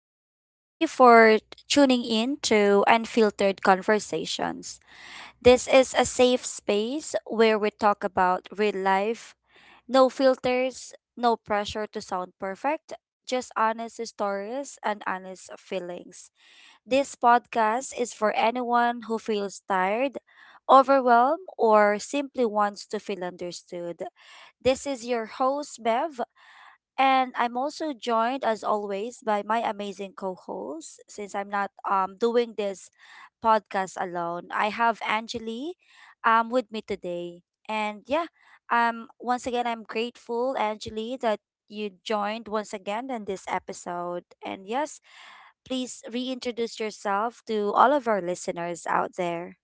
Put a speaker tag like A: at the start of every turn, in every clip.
A: and thank you for tuning in to Unfiltered Conversations. This is a safe space where we talk about real life, no filters, no pressure to sound perfect, just honest stories and honest feelings. This podcast is for anyone who feels tired, overwhelmed, or simply wants to feel understood. This is your host, Bev, and I'm also joined, as always, by my amazing co host. Since I'm not doing this podcast alone, I have Angeli with me today. And yeah, once again, I'm grateful, Angeli, that you joined once again in this episode. And yes, please reintroduce yourself to all of our listeners out there.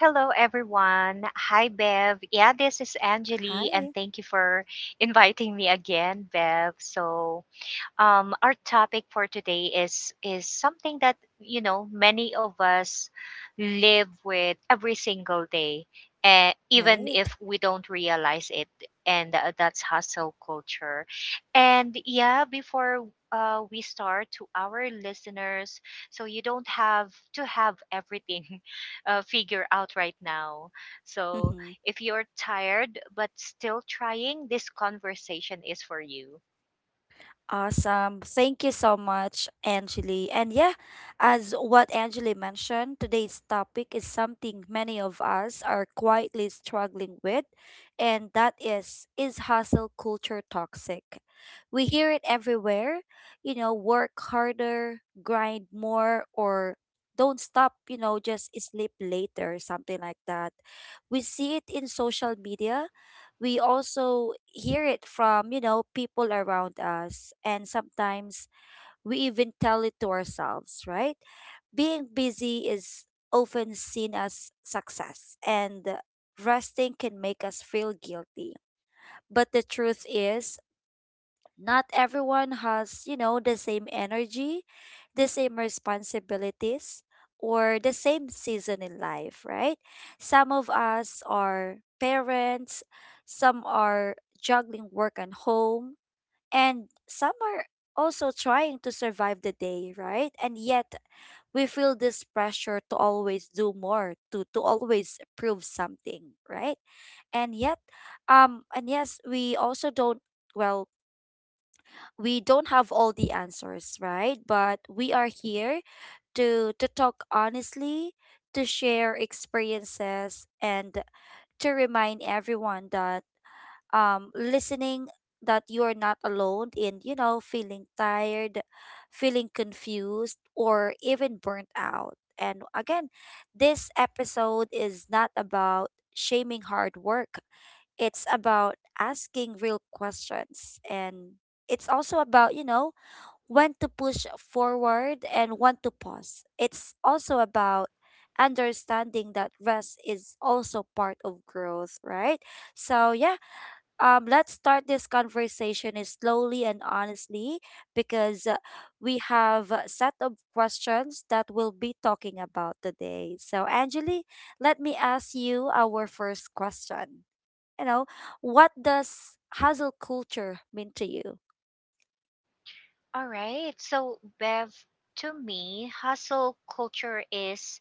B: Hello, everyone. Hi, Bev. Yeah, this is Angeli, and
A: Hi.
B: thank you for inviting me again, Bev. So, our topic for today is something that you know many of us live with every single day, even
A: Right.
B: if we don't realize it. And that's hustle culture. And yeah, before we start, to our listeners, so you don't have to have everything figured out right now. So
A: Mm-hmm.
B: if you're tired but still trying, this conversation is for you.
A: Awesome. Thank you so much, Angeli. And yeah, as what Angeli mentioned, today's topic is something many of us are quietly struggling with, and that is hustle culture toxic? We hear it everywhere, you know, work harder, grind more, or don't stop, you know, just sleep later, something like that. We see it in social media, we also hear it from you know people around us, and sometimes we even tell it to ourselves, right? Being busy is often seen as success, and resting can make us feel guilty, but the truth is not everyone has, you know, the same energy, the same responsibilities, or the same season in life, right? Some of us are parents, some are juggling work and home, and some are also trying to survive the day, right? And yet, we feel this pressure to always do more, to always prove something, right? And yet, and yes, we also don't, well, we don't have all the answers, right? But we are here to talk honestly, to share experiences, and to remind everyone that listening that you are not alone in, you know, feeling tired, feeling confused, or even burnt out. And again, this episode is not about shaming hard work. It's about asking real questions, and it's also about, you know, when to push forward and when to pause. It's also about understanding that rest is also part of growth, right? So yeah, let's start this conversation is slowly and honestly because we have a set of questions that we'll be talking about today. So Angeli, let me ask you our first question. You know, what does hustle culture mean to you?
B: All right. So, Bev, to me, hustle culture is,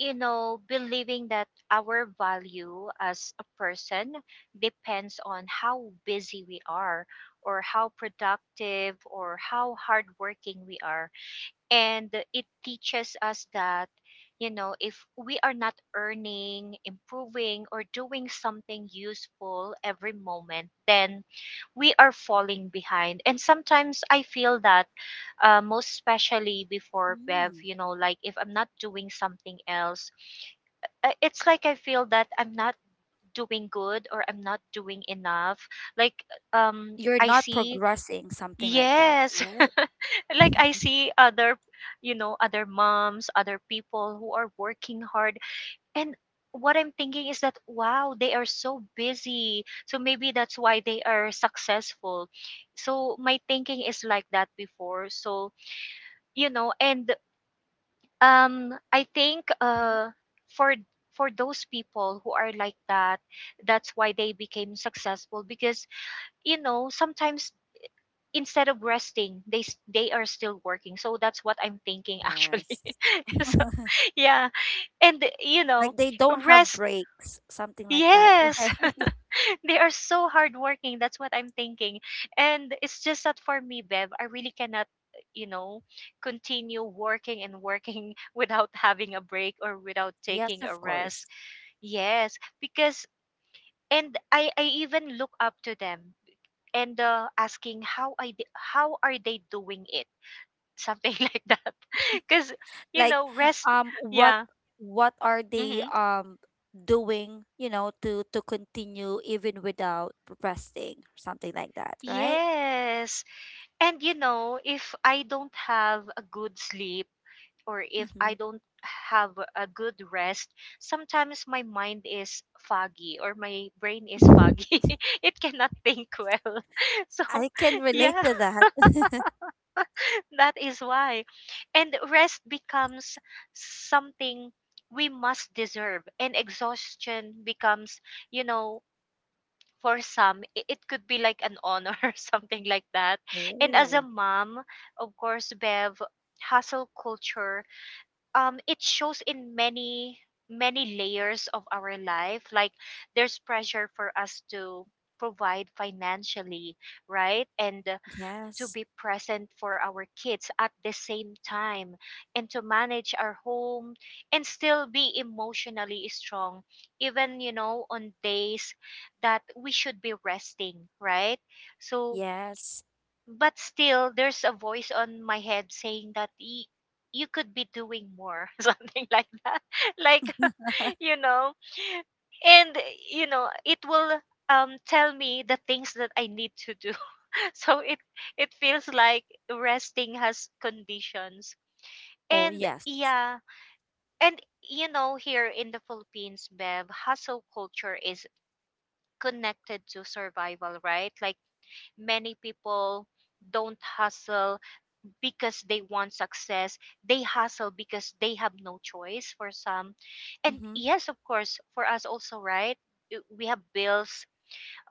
B: you know, believing that our value as a person depends on how busy we are, or how productive, or how hardworking we are, and it teaches us that you know if we are not earning, improving, or doing something useful every moment, then we are falling behind. And sometimes I feel that, most especially before, Bev, you know, like if I'm not doing something else, it's like I feel that I'm not doing good or I'm not doing enough. Like,
A: You're
B: I
A: not
B: see.
A: progressing, something like that,
B: Yes.
A: right?
B: Like I see you know, other moms, other people who are working hard. And what I'm thinking is that, wow, they are so busy. So maybe that's why they are successful. So my thinking is like that before. So, you know, and I think
A: Mhm.
B: for those people who are like that, that's why they became successful because you know sometimes instead of resting they they are still working. So that's what I'm thinking actually.
A: Yes.
B: So yeah, and you know,
A: Like they don't have
B: rest,
A: breaks, something like that,
B: yes.
A: right?
B: They are so hardworking, that's what I'm thinking. And it's just that for me, Bev, I really cannot, you know, continue working and working without having a break or without
A: Yes,
B: taking a
A: of course.
B: rest. Yes, because, and I even look up to them, and asking how I how are they doing it, something like that, because you
A: Like,
B: know, rest.
A: what
B: Yeah.
A: what are they
B: Hmm.
A: um doing, you know, to continue even without resting, something like that, right?
B: Yes, and you know, if I don't have a good sleep or if
A: Mm-hmm.
B: I don't have a good rest, sometimes my mind is foggy or my brain is foggy, it cannot think well. So
A: I can relate
B: yeah,
A: to that.
B: that is why. And rest becomes something we must deserve, and exhaustion becomes, you know, for some, it could be like an honor or something like that. And as a
A: Oh,
B: mom, of course, Bev, hustle culture, it shows in many layers of our life. Like, there's pressure for us to provide financially, right? And to
A: yes,
B: be present for our kids at the same time, and to manage our home, and still be emotionally strong even, you know, on days that we should be resting, right? So,
A: yes.
B: but still, there's a voice on my head saying that, you could be doing more, something like that. Like, you know, and you know, it will tell me the things that I need to do. So it feels like resting has conditions.
A: Oh,
B: And
A: yes.
B: yeah. And you know, here in the Philippines, Bev, hustle culture is connected to survival, right? Like, many people don't hustle because they want success. They hustle because they have no choice, for some. And
A: Mm-hmm.
B: yes, of course, for us also, right? We have bills,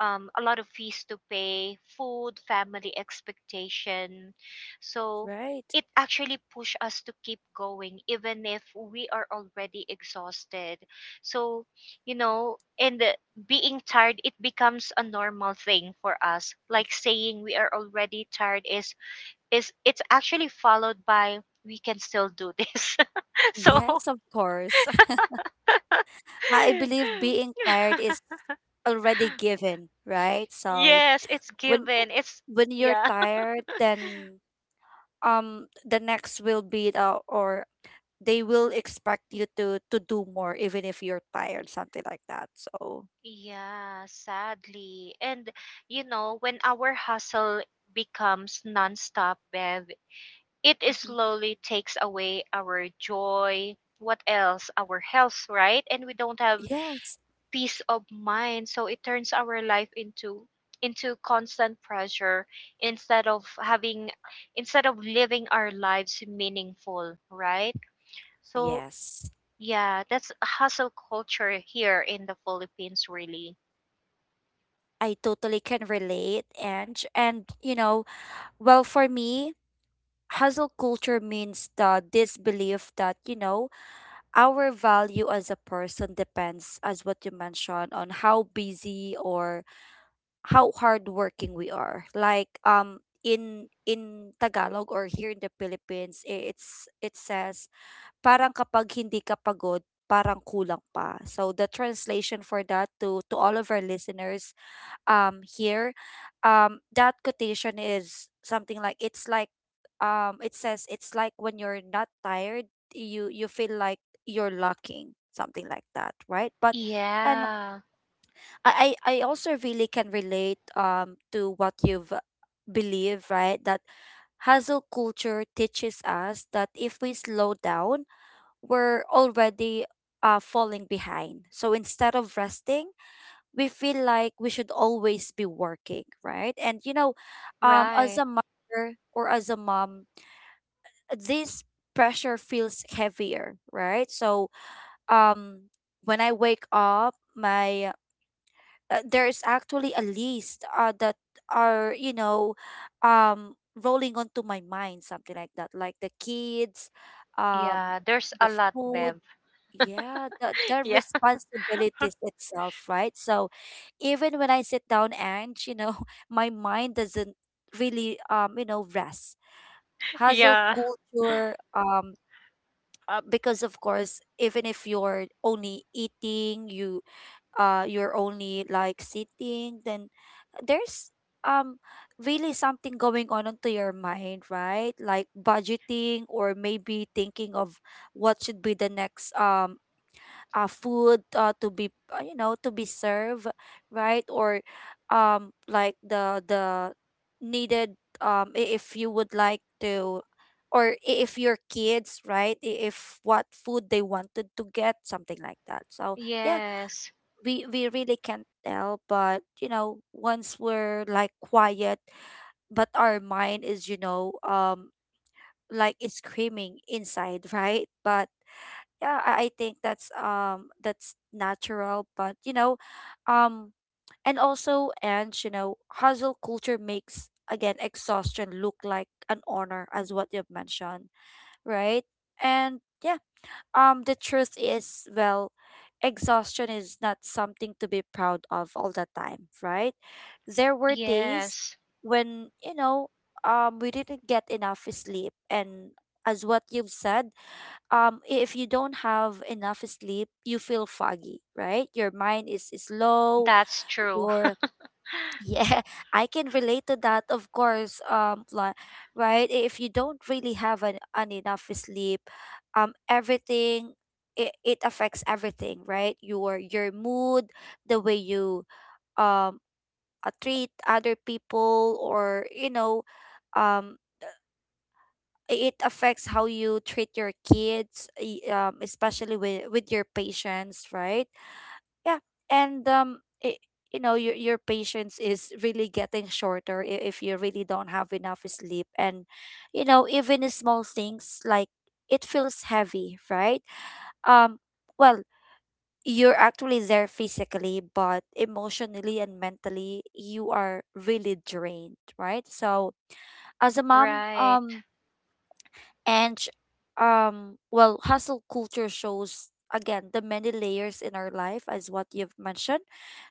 B: a lot of fees to pay, food, family expectation. So
A: Right.
B: it actually push us to keep going even if we are already exhausted. So, you know, and being tired, it becomes a normal thing for us. Like saying we are already tired is, it's actually followed by, we can still do this. So,
A: Yes, of course. I believe being tired is already given, right? So
B: yes, it's
A: when uh,
B: given. It's,
A: when you're
B: yeah.
A: tired, then the next will be the or they will expect you to do more even if you're tired, something like that. So
B: Yeah, sadly. And you know, when our hustle becomes nonstop, Bev, it is
A: mhm,
B: slowly takes away our joy. What else? Our health, right? And we don't have
A: yes,
B: peace of mind. So it turns our life into, constant pressure instead of living our lives meaningful, right? So
A: yes.
B: yeah, that's hustle culture here in the Philippines really.
A: I totally can relate, and you know, well for me, hustle culture means the disbelief that you know our value as a person depends, as what you mentioned, on how busy or how hardworking we are. Like in Tagalog or here in the Philippines, it says parang kapag hindi ka pagod, parang kulang pa. So the translation for that to all of our listeners here that quotation is something like it's like it says it's like when you're not tired, you feel like you're lacking, something like that, right? But and
B: Yeah,
A: I I also really can relate to what you've believed, right? That hustle culture teaches us that if we slow down, we're already falling behind, so instead of resting, we feel like we should always be working, right? And you know, as
B: right.
A: a mother or as a mom, this pressure feels heavier, right? So, um, when I wake up, my there is actually a list that are, you know, um, rolling onto my mind, something like that, like the kids, um,
B: Yeah, there's a
A: the
B: lot,
A: food,
B: Bev.
A: yeah, the the
B: Yeah,
A: responsibilities itself, right? So even when I sit down and, you know, my mind doesn't really you know, rest. Hustle
B: yeah.
A: culture, because of course, even if you're only eating, you you're only like sitting, then there's um really something going on onto your mind, right? Like budgeting or maybe thinking of what should be the next food to be you know to be served, right? Or like the needed if you would like to, or if your kids, right? If what food they wanted to get, something like that, so yeah,
B: Yes,
A: we really can't tell, but you know once we're like quiet, but our mind is you know, like it's screaming inside right? But yeah, I think that's natural, but you know, um and also and you know hustle culture makes again exhaustion look like an honor, as what you've mentioned, right? And yeah, the truth is, well, exhaustion is not something to be proud of all the time, right? There were days
B: yes.
A: when you know we didn't get enough sleep, and as what you've said, if you don't have enough sleep you feel foggy, right? Your mind is low,
B: That's true.
A: your yeah. I can relate to that, of course. Like, right, if you don't really have an enough sleep, everything, it affects everything, right? Your mood, the way you um treat other people, or you know, um it affects how you treat your kids, especially with your patients, right? Yeah, and it, you know, your patience is really getting shorter if you really don't have enough sleep, and you know, even small things like it feels heavy, right? Um, well, you're actually there physically, but emotionally and mentally, you are really drained, right? So as a mom,
B: Right.
A: and well, hustle culture shows again the many layers in our life, as what you've mentioned.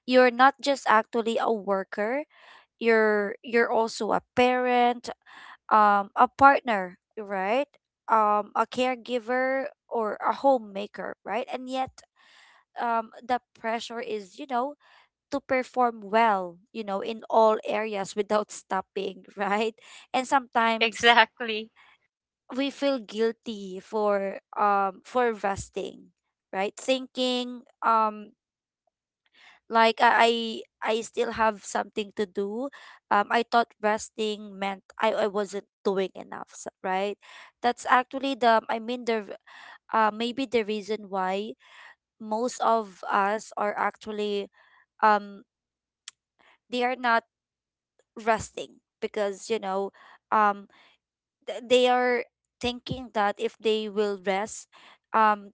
A: You're not just actually a worker, you're also a parent, a partner, right? A caregiver or a homemaker, right? And yet the pressure is, you know, to perform well, you know, in all areas without stopping, right? And sometimes
B: Exactly.
A: we feel guilty for resting, right? Thinking like I still have something to do. I thought resting meant I wasn't doing enough, right? That's actually the, I mean the maybe the reason why most of us are actually um they are not resting, because you know um they are thinking that if they will rest, um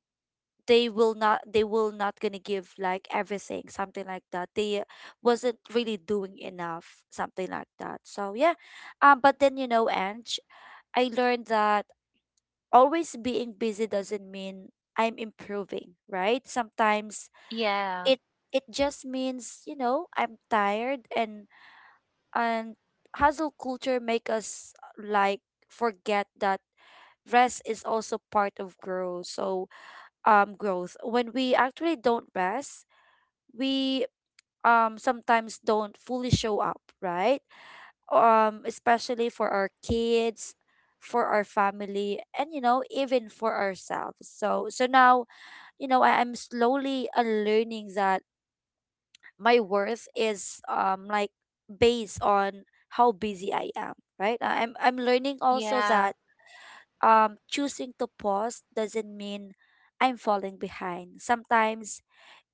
A: they will not, they will not gonna give like everything, something like that, they wasn't really doing enough, something like that, so yeah, but then you know Ange, I learned that always being busy doesn't mean I'm improving, right? Sometimes
B: Yeah,
A: it, it just means you know I'm tired. And hustle culture make us like forget that rest is also part of growth. So growth when we actually don't rest, we sometimes don't fully show up, right? Especially for our kids, for our family, and you know, even for ourselves. So so now, you know, I'm slowly unlearning that my worth is like based on how busy I am, right? I'm learning also
B: yeah.
A: that choosing to pause doesn't mean I'm falling behind. Sometimes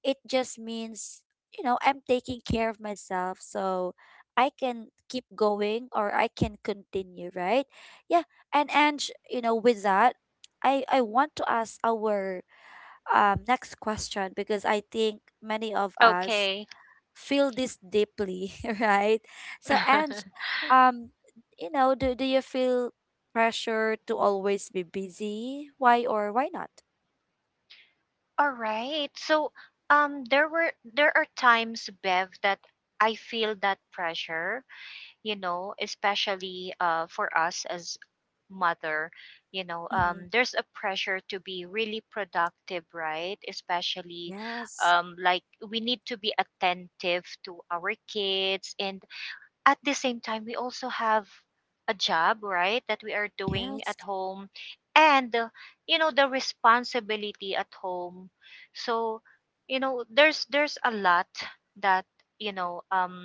A: it just means you know I'm taking care of myself, so I can keep going, or I can continue, right? Yeah, and Ange, you know, with that, I want to ask our next question, because I think many of us
B: Okay.
A: feel this deeply, right? So Ange, um you know, do you feel pressure to always be busy, why or why not?
B: All right. So, there were, there are times, Bev, that I feel that pressure. You know, especially for us as mother. You know,
A: Mm-hmm,
B: there's a pressure to be really productive, right? Especially,
A: yes,
B: like, we need to be attentive to our kids, and at the same time we also have a job, right, that we are doing
A: yes,
B: at home, and you know, the responsibility at home. So you know, there's a lot that, you know,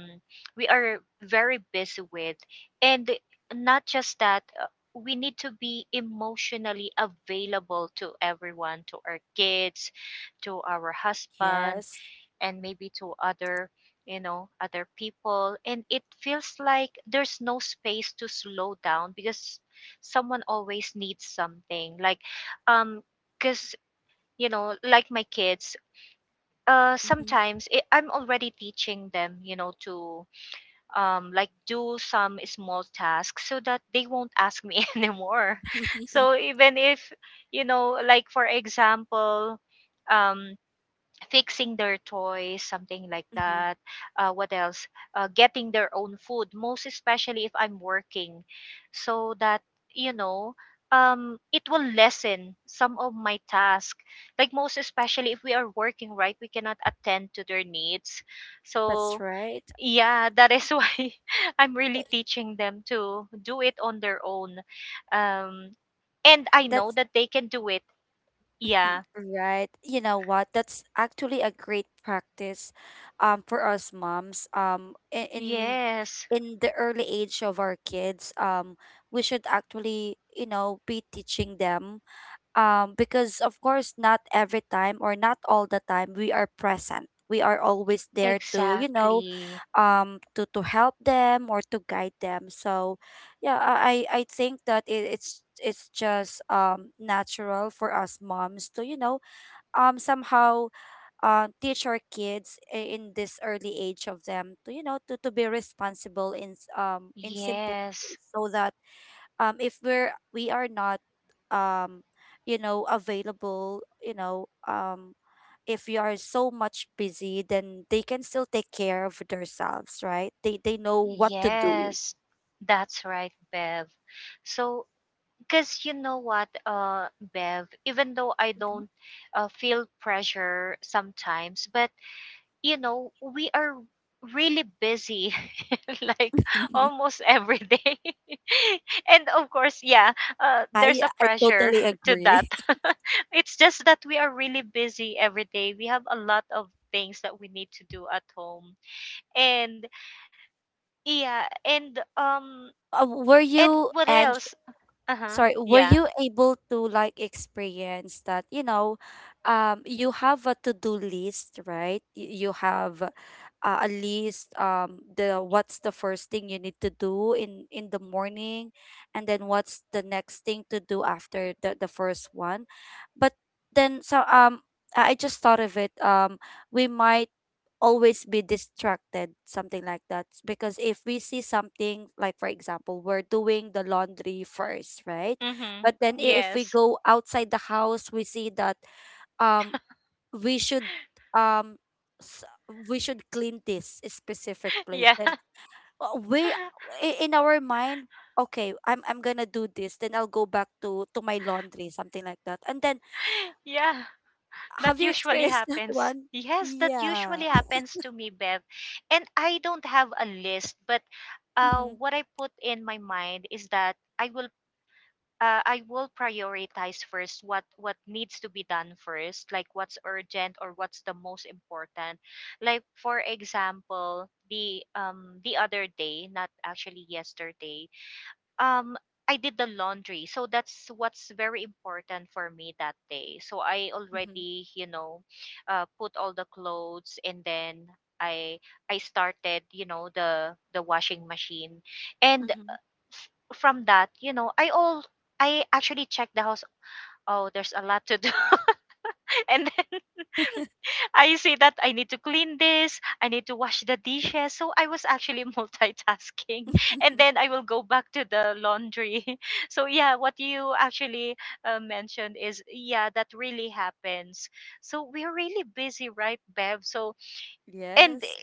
B: we are very busy with. And not just that, we need to be emotionally available to everyone, to our kids, to our husband,
A: yes.
B: and maybe to other, you know, other people. And it feels like there's no space to slow down because someone always needs something. Like, um because, you know, like my kids,
A: Mhm.
B: sometimes I'm already teaching them, you know, to like, do some small tasks so that they won't ask me anymore. So even if, you know, like for example, um fixing their toys, something like
A: Mhm.
B: that. What else? Getting their own food, most especially if I'm working, so that, you know, it will lessen some of my task. Like, most especially if we are working, right? We cannot attend to their needs.
A: That's
B: So
A: right.
B: yeah, that is why I'm really teaching them to do it on their own, um, and I know
A: That's
B: that they can do it. Yeah.
A: right. You know what? That's actually a great practice for us moms. In
B: Yes.
A: in the early age of our kids, we should actually, you know, be teaching them because of course not every time or not all the time we are present we are always there to you know
B: Exactly.
A: um to help them or to guide them so yeah, I think that it's just natural for us moms to you know, somehow teach our kids in this early age of them to you know to be responsible in in simple
B: Yes,
A: ways so that if we are not um you know available you know, if you are so much busy, then they can still take care of themselves, right? They know what to do.
B: yes, that's right, Bev. So, because you know what, Bev, even though I don't, feel pressure sometimes, but you know, we are really busy, like almost every day. And of course, yeah, there's
A: I
B: a
A: I
B: pressure
A: totally
B: to that.
A: agree.
B: It's just that we are really busy every day. We have a lot of things that we need to do at home. And, yeah,
A: Uh, were
B: and what
A: you
B: else?
A: and
B: Uh-huh. Yeah.
A: were you able to like experience that, you know, you have a to-do list, right? You have a list, the what's the first thing you need to do in the morning, and then what's the next thing to do after the first one. But then so um, I just thought of it, we might always be distracted, something like that. Because if we see something, like for example, we're doing the laundry first, right?
B: Mhm.
A: But then if we
B: Yes.
A: go outside the house, we see that um we should um s- we should clean this specific place.
B: Yeah.
A: Then uh, we in our mind, okay, I'm gonna do this. Then I'll go back to my laundry, something like that. And then
B: Yeah. That
A: have you
B: usually
A: experienced that
B: happens.
A: one?
B: Yes, that
A: Yeah.
B: usually happens to me, Bev. And I don't have a list, but
A: Mm-hmm.
B: what I put in my mind is that I will prioritize first, what needs to be done first, like what's urgent or what's the most important. Like for example, the other day, not actually yesterday, um I did the laundry. So that's what's very important for me that day. So I
A: Mm-hmm.
B: already, you know, put all the clothes, and then I I started, you know, the washing machine. And
A: Mm-hmm.
B: from that, you know, I actually checked the house. Oh, there's a lot to do. And then I see that I need to clean this, I need to wash the dishes. So I was actually multitasking. And then I will go back to the laundry. So yeah, what you actually, mentioned is, yeah, that really happens. So we're really busy, right, Bev? So, and
A: Yes.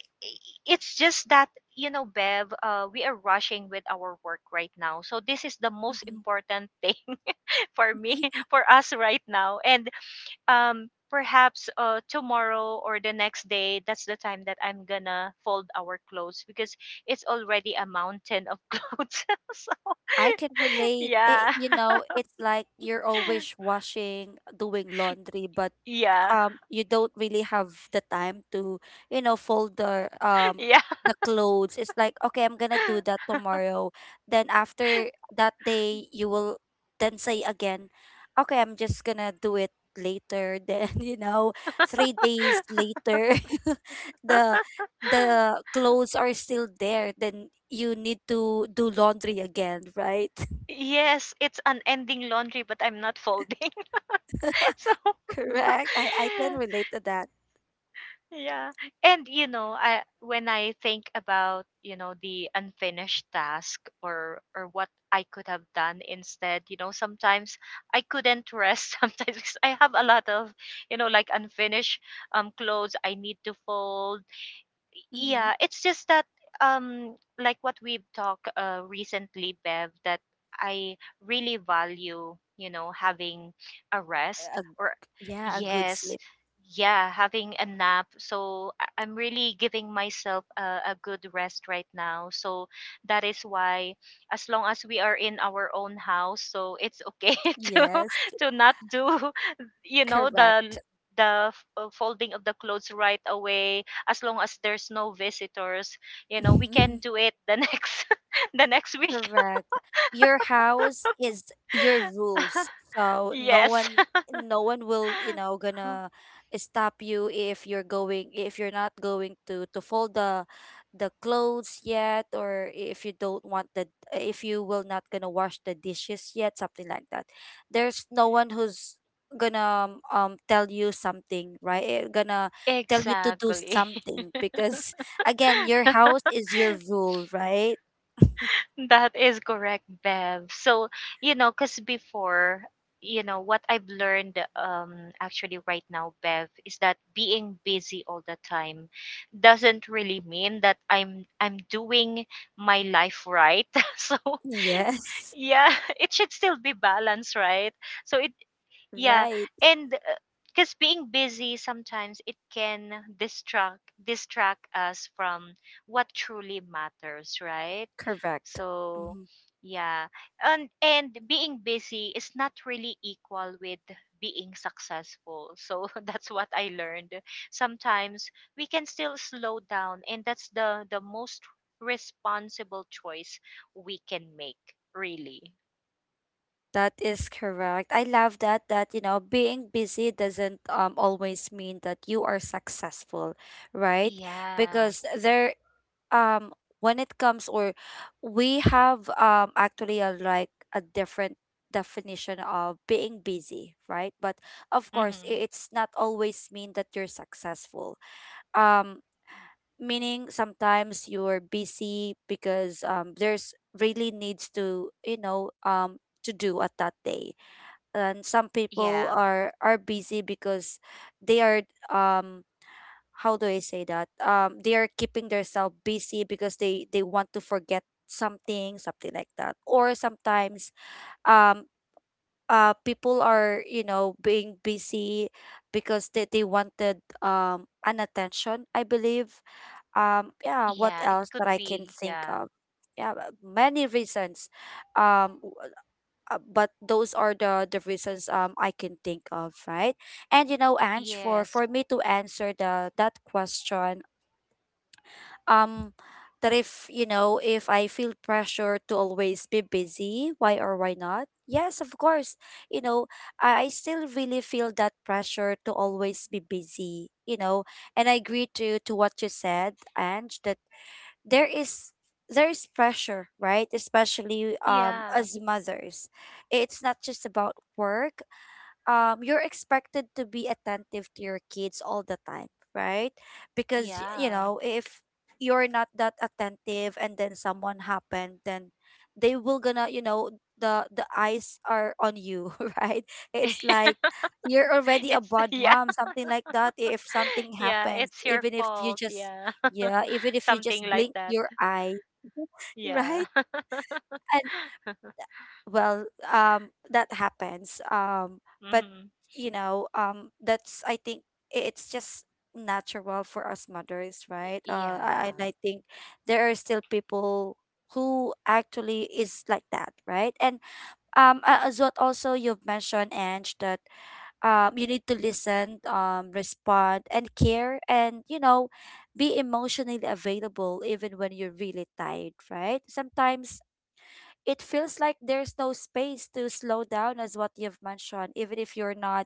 B: it's just that, you know, Bev, we are rushing with our work right now, so this is the most
A: Hmm.
B: important thing for me, for us right now. And perhaps tomorrow or the next day, that's the time that I'm gonna fold our clothes because it's already a mountain of clothes.
A: I can
B: So,
A: relate. It,
B: yeah,
A: you know, it's like you're always washing, doing laundry, but
B: yeah,
A: you don't really have the time to you know fold
B: yeah.
A: the clothes. It's like okay, I'm gonna do that tomorrow, then after that day you will then say again, okay, I'm just gonna do it later. Then you know, 3 days later, the the clothes are still there, then you need to do laundry again, right?
B: Yes, it's an ending laundry, but I'm not folding. So,
A: Correct. I can relate to that.
B: yeah. And you know, I, when I think about, you know, the unfinished task or what I could have done instead, you know, sometimes I couldn't rest sometimes because I have a lot of, you know, like unfinished clothes I need to fold.
A: Mm-hmm.
B: Yeah, it's just that, like what we've talked recently, Bev, that I really value, you know, having a rest
A: A,
B: or,
A: yeah, a good
B: yes,
A: sleep.
B: yeah, having a nap. So I'm really giving myself a good rest right now. So that is why, as long as we are in our own house, so it's okay to
A: Yes.
B: to not do, you know, the,
A: Correct.
B: the folding of the clothes right away, as long as there's no visitors, you know, we can do it the next the next week.
A: Correct. Your house is your rules. So no
B: Yes.
A: one, no one will, you know, gonna stop you if you're going if you're not going to fold the clothes yet, or if you don't want the if you will not gonna wash the dishes yet, something like that. There's no one who's gonna tell you something, right? Eh, gonna tell you to do
B: Exactly.
A: something, because again, your house is your rule, right?
B: That is correct, Bev. So, you know, because before, you know, what I've learned, actually right now, Bev, is that being busy all the time doesn't really mean that I'm doing my life right. So,
A: Yes.
B: yeah, it should still be balanced, right? So it, yeah,
A: Right,
B: and because being busy sometimes it can distract us from what truly matters, right?
A: correct.
B: So,
A: Mhm.
B: yeah. And being busy is not really equal with being successful. So that's what I learned. Sometimes we can still slow down, and that's the most responsible choice we can make, really.
A: That is correct. I love that, that you know being busy doesn't always mean that you are successful, right?
B: Yeah.
A: Because there um when it comes, or we have actually a like a different definition of being busy, right? But of course,
B: Mhm.
A: it's not always mean that you're successful. Um Meaning sometimes you're busy because there's really needs to you know to do at that day, and some
B: Yeah.
A: people are busy because they are um how do I say that, they are keeping themselves busy because they want to forget something, something like that. Or sometimes um people are you know being busy because they wanted an attention, I believe. Yeah, what
B: Yeah, it
A: else that
B: could
A: I can
B: be.
A: think
B: Yeah.
A: of? Yeah, many reasons. Um, w- but those are the reasons I can think of, right? And you know, Ange,
B: Yes.
A: for me to answer the that question, um, that if you know if I feel pressure to always be busy, why or why not? Yes, of course. You know, I still really feel that pressure to always be busy. You know, and I agree to what you said, Ange. That there is there is pressure, right, especially
B: Yeah.
A: as mothers. It's not just about work, you're expected to be attentive to your kids all the time, right? Because you
B: Yeah.
A: know, if you're not that attentive and then someone happened, then they will gonna, you know, the eyes are on you, right? It's like you're already a
B: It's
A: bad
B: yeah.
A: mom, something like that. If something
B: Yeah,
A: happens,
B: it's your
A: even if you
B: fault.
A: just
B: Yeah.
A: yeah, even if you
B: Something
A: just
B: like
A: blink
B: that.
A: your eye,
B: Yeah.
A: right? Well, that happens, but
B: Mhm.
A: you know that's I think it's just natural for us mothers,
B: Y-
A: right? I- and
B: Yeah.
A: I think there are still people who actually is like that, right? And as what also you've mentioned, Ange, that you need to listen, respond and care, and you know be emotionally available even when you're really tired, right? Sometimes it feels like there's no space to slow down, as what you've mentioned, even if you're not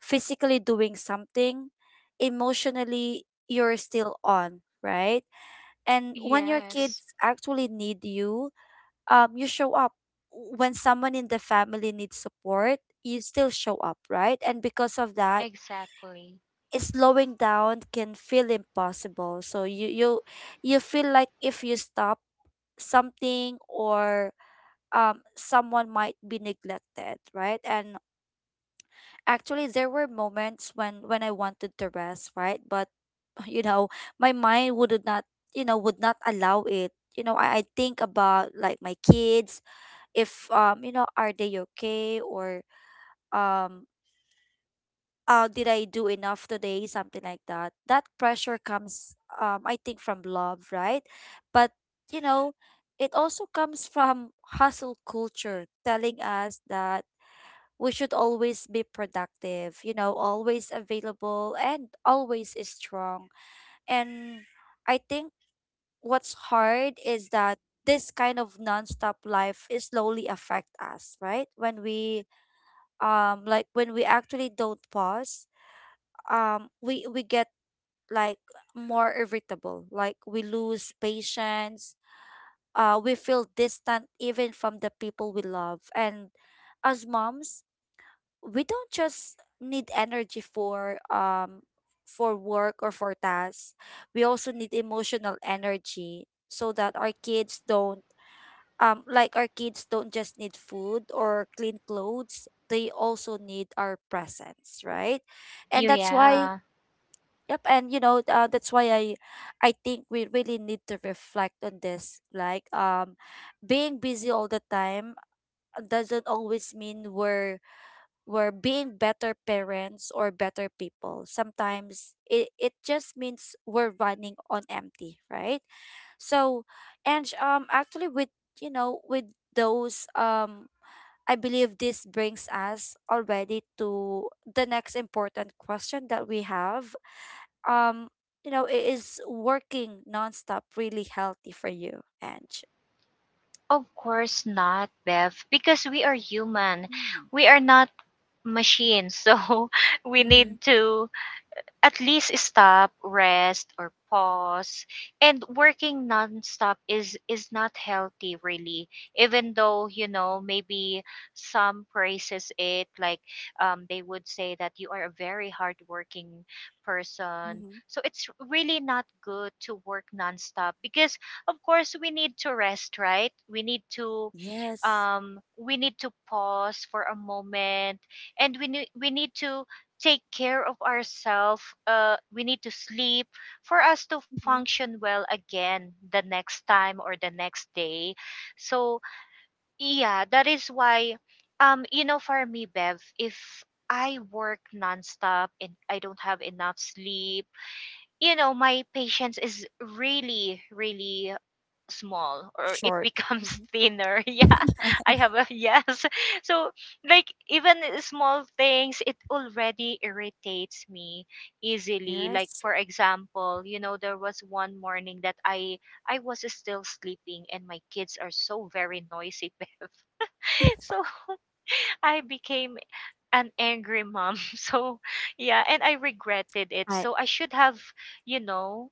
A: physically doing something, emotionally you're still on, right? And when your
B: Yes,
A: kids actually need you, you show up. When someone in the family needs support, you still show up, right? And because of that,
B: exactly.
A: it's slowing down can feel impossible, so you you feel like if you stop something or someone might be neglected, right? And actually, there were moments when I wanted to rest, right? But you know, my mind would not, you know, would not allow it. You know, I think about like my kids, if you know, are they okay, or um, did I do enough today? Something like that. That pressure comes, I think, from love, right? But you know, it also comes from hustle culture telling us that we should always be productive, you know, always available and always strong. And I think what's hard is that this kind of nonstop life is slowly affect us, right? When we like when we actually don't pause, um, we get like more irritable, like we lose patience, we feel distant even from the people we love. And as moms, we don't just need energy for work or for tasks, we also need emotional energy, so that our kids don't like our kids don't just need food or clean clothes, they also need our presence, right? And
B: You-
A: that's why
B: Yeah.
A: yep, and you know that's why I think we really need to reflect on this, like being busy all the time doesn't always mean we're being better parents or better people. Sometimes it just means we're running on empty, right? So, and actually, with you know, with those I believe this brings us already to the next important question that we have. Um, you know, is working nonstop really healthy for you, Ange?
B: Of course not, Bev, because we are human. We
A: Mm-hmm,
B: are not machines. So we need to at least stop, rest, or pause. And working nonstop is not healthy, really. Even though, you know, maybe some praises it, like, they would say that you are a very hardworking person.
A: mm-hmm,
B: So it's really not good to work nonstop because, of course, we need to rest, right? We need to
A: yes.
B: um, we need to pause for a moment, and we need to take care of ourselves. We need to sleep for us to
A: Mm-hmm.
B: function well again the next time or the next day. So, yeah, that is why, you know, for me, Bev, if I work nonstop and I don't have enough sleep, you know, my patience is really, really small, or it
A: Short.
B: becomes thinner. Yeah,
A: Mm-hmm.
B: I have a, yes. So, like, even small things, it already irritates me easily. Like,
A: Yes.
B: for example, you know, there was one morning that I was still sleeping and my kids are so very noisy, Bev. So I became an angry mom. So, yeah, and I regretted it.
A: I
B: So I should have, you know,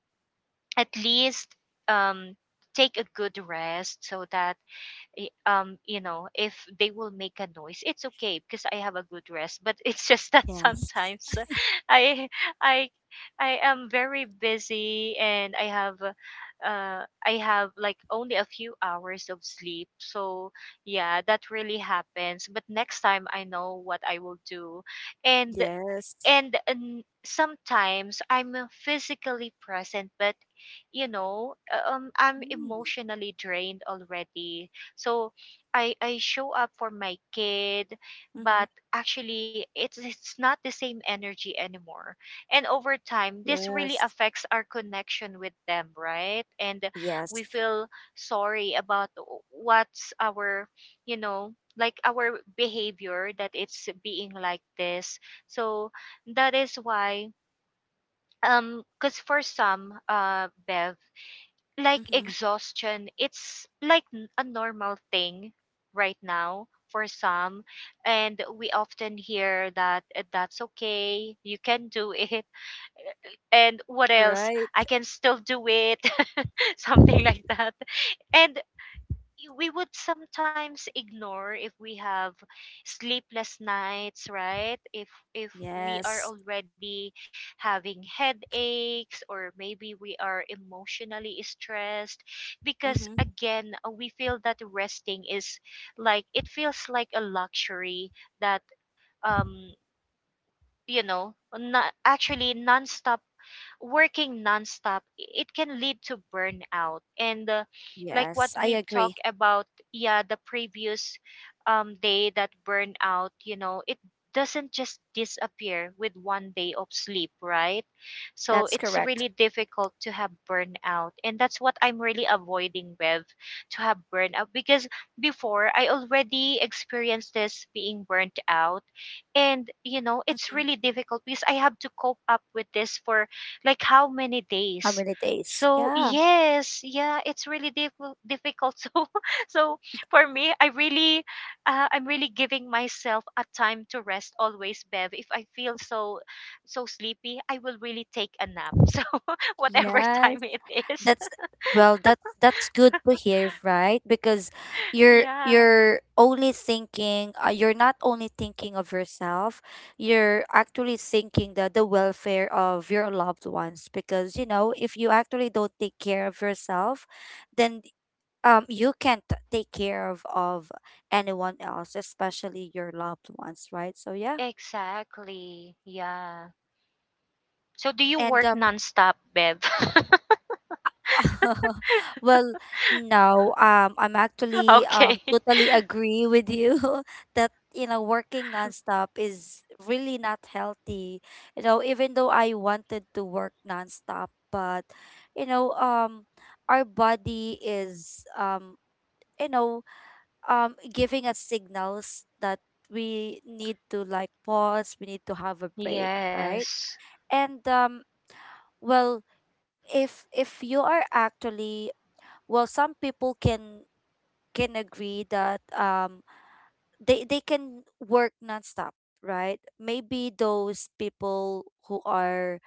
B: at least, um take a good rest, so that, you know, if they will make a noise, it's okay because I have a good rest. But it's just that
A: yes,
B: sometimes i i I am very busy, and I have like only a few hours of sleep. So, yeah, that really happens, but next time I know what I will do. and
A: yes,
B: and um, sometimes I'm, physically present, but, you know, I'm
A: mm-hmm.
B: emotionally drained already. So I show up for my kid, but actually it's not the same energy anymore. And over time, this really
A: Yes,
B: affects our connection with them, right? And
A: yes,
B: we feel sorry about what's our, you know, like, our behavior that it's being like this. So that is why, because for some, Bev, like
A: mm-hmm.
B: exhaustion, it's like a normal thing right now for some, and we often hear that, that's okay, you can do it, and what else?
A: Right,
B: I can still do it," something like that. And we would sometimes ignore if we have sleepless nights, right? If we are
A: yes,
B: already having headaches, or maybe we are emotionally stressed, because,
A: mm-hmm.
B: again, we feel that resting is like, it feels like a luxury, that, um not actually non-stop working nonstop, it can lead to burnout. And like what
A: Yes. I
B: we've talked
A: agree.
B: about, yeah, the previous day, that burnout, you know, it doesn't just disappear with one day of sleep, right? So
A: That's
B: it's
A: correct.
B: really difficult to have burnout. And that's what I'm really avoiding, with to have burnout, because before I already experienced this being burnt out. And, you know, it's
A: Mm-hmm.
B: really difficult because I have to cope up with this for like how many
A: How
B: days.
A: many days?
B: So,
A: Yeah.
B: yes, yeah, it's really difficult. so for me, I really, I'm really giving myself a time to rest always, Bev. If I feel so sleepy, I will really take a nap. So whatever
A: Yes,
B: time it is.
A: that's well, that's good to hear, right? Because
B: Yeah,
A: you're only thinking, you're not only thinking of yourself, you're actually thinking the welfare of your loved ones. Because, you know, if you actually don't take care of yourself, then you can't take care of anyone else, especially your loved ones, right? So yeah.
B: exactly. Yeah. So do you
A: And
B: work nonstop, Bev?
A: well, no, I'm actually
B: Okay.
A: totally agree with you that, you know, working nonstop is really not healthy. You know, even though I wanted to work nonstop, but, you know, our body is, you know, giving us signals that we need to like pause, we need to have a break, right?
B: Yes.
A: And well, if you are actually well some people can agree that um, they can work nonstop, right? Maybe those people who are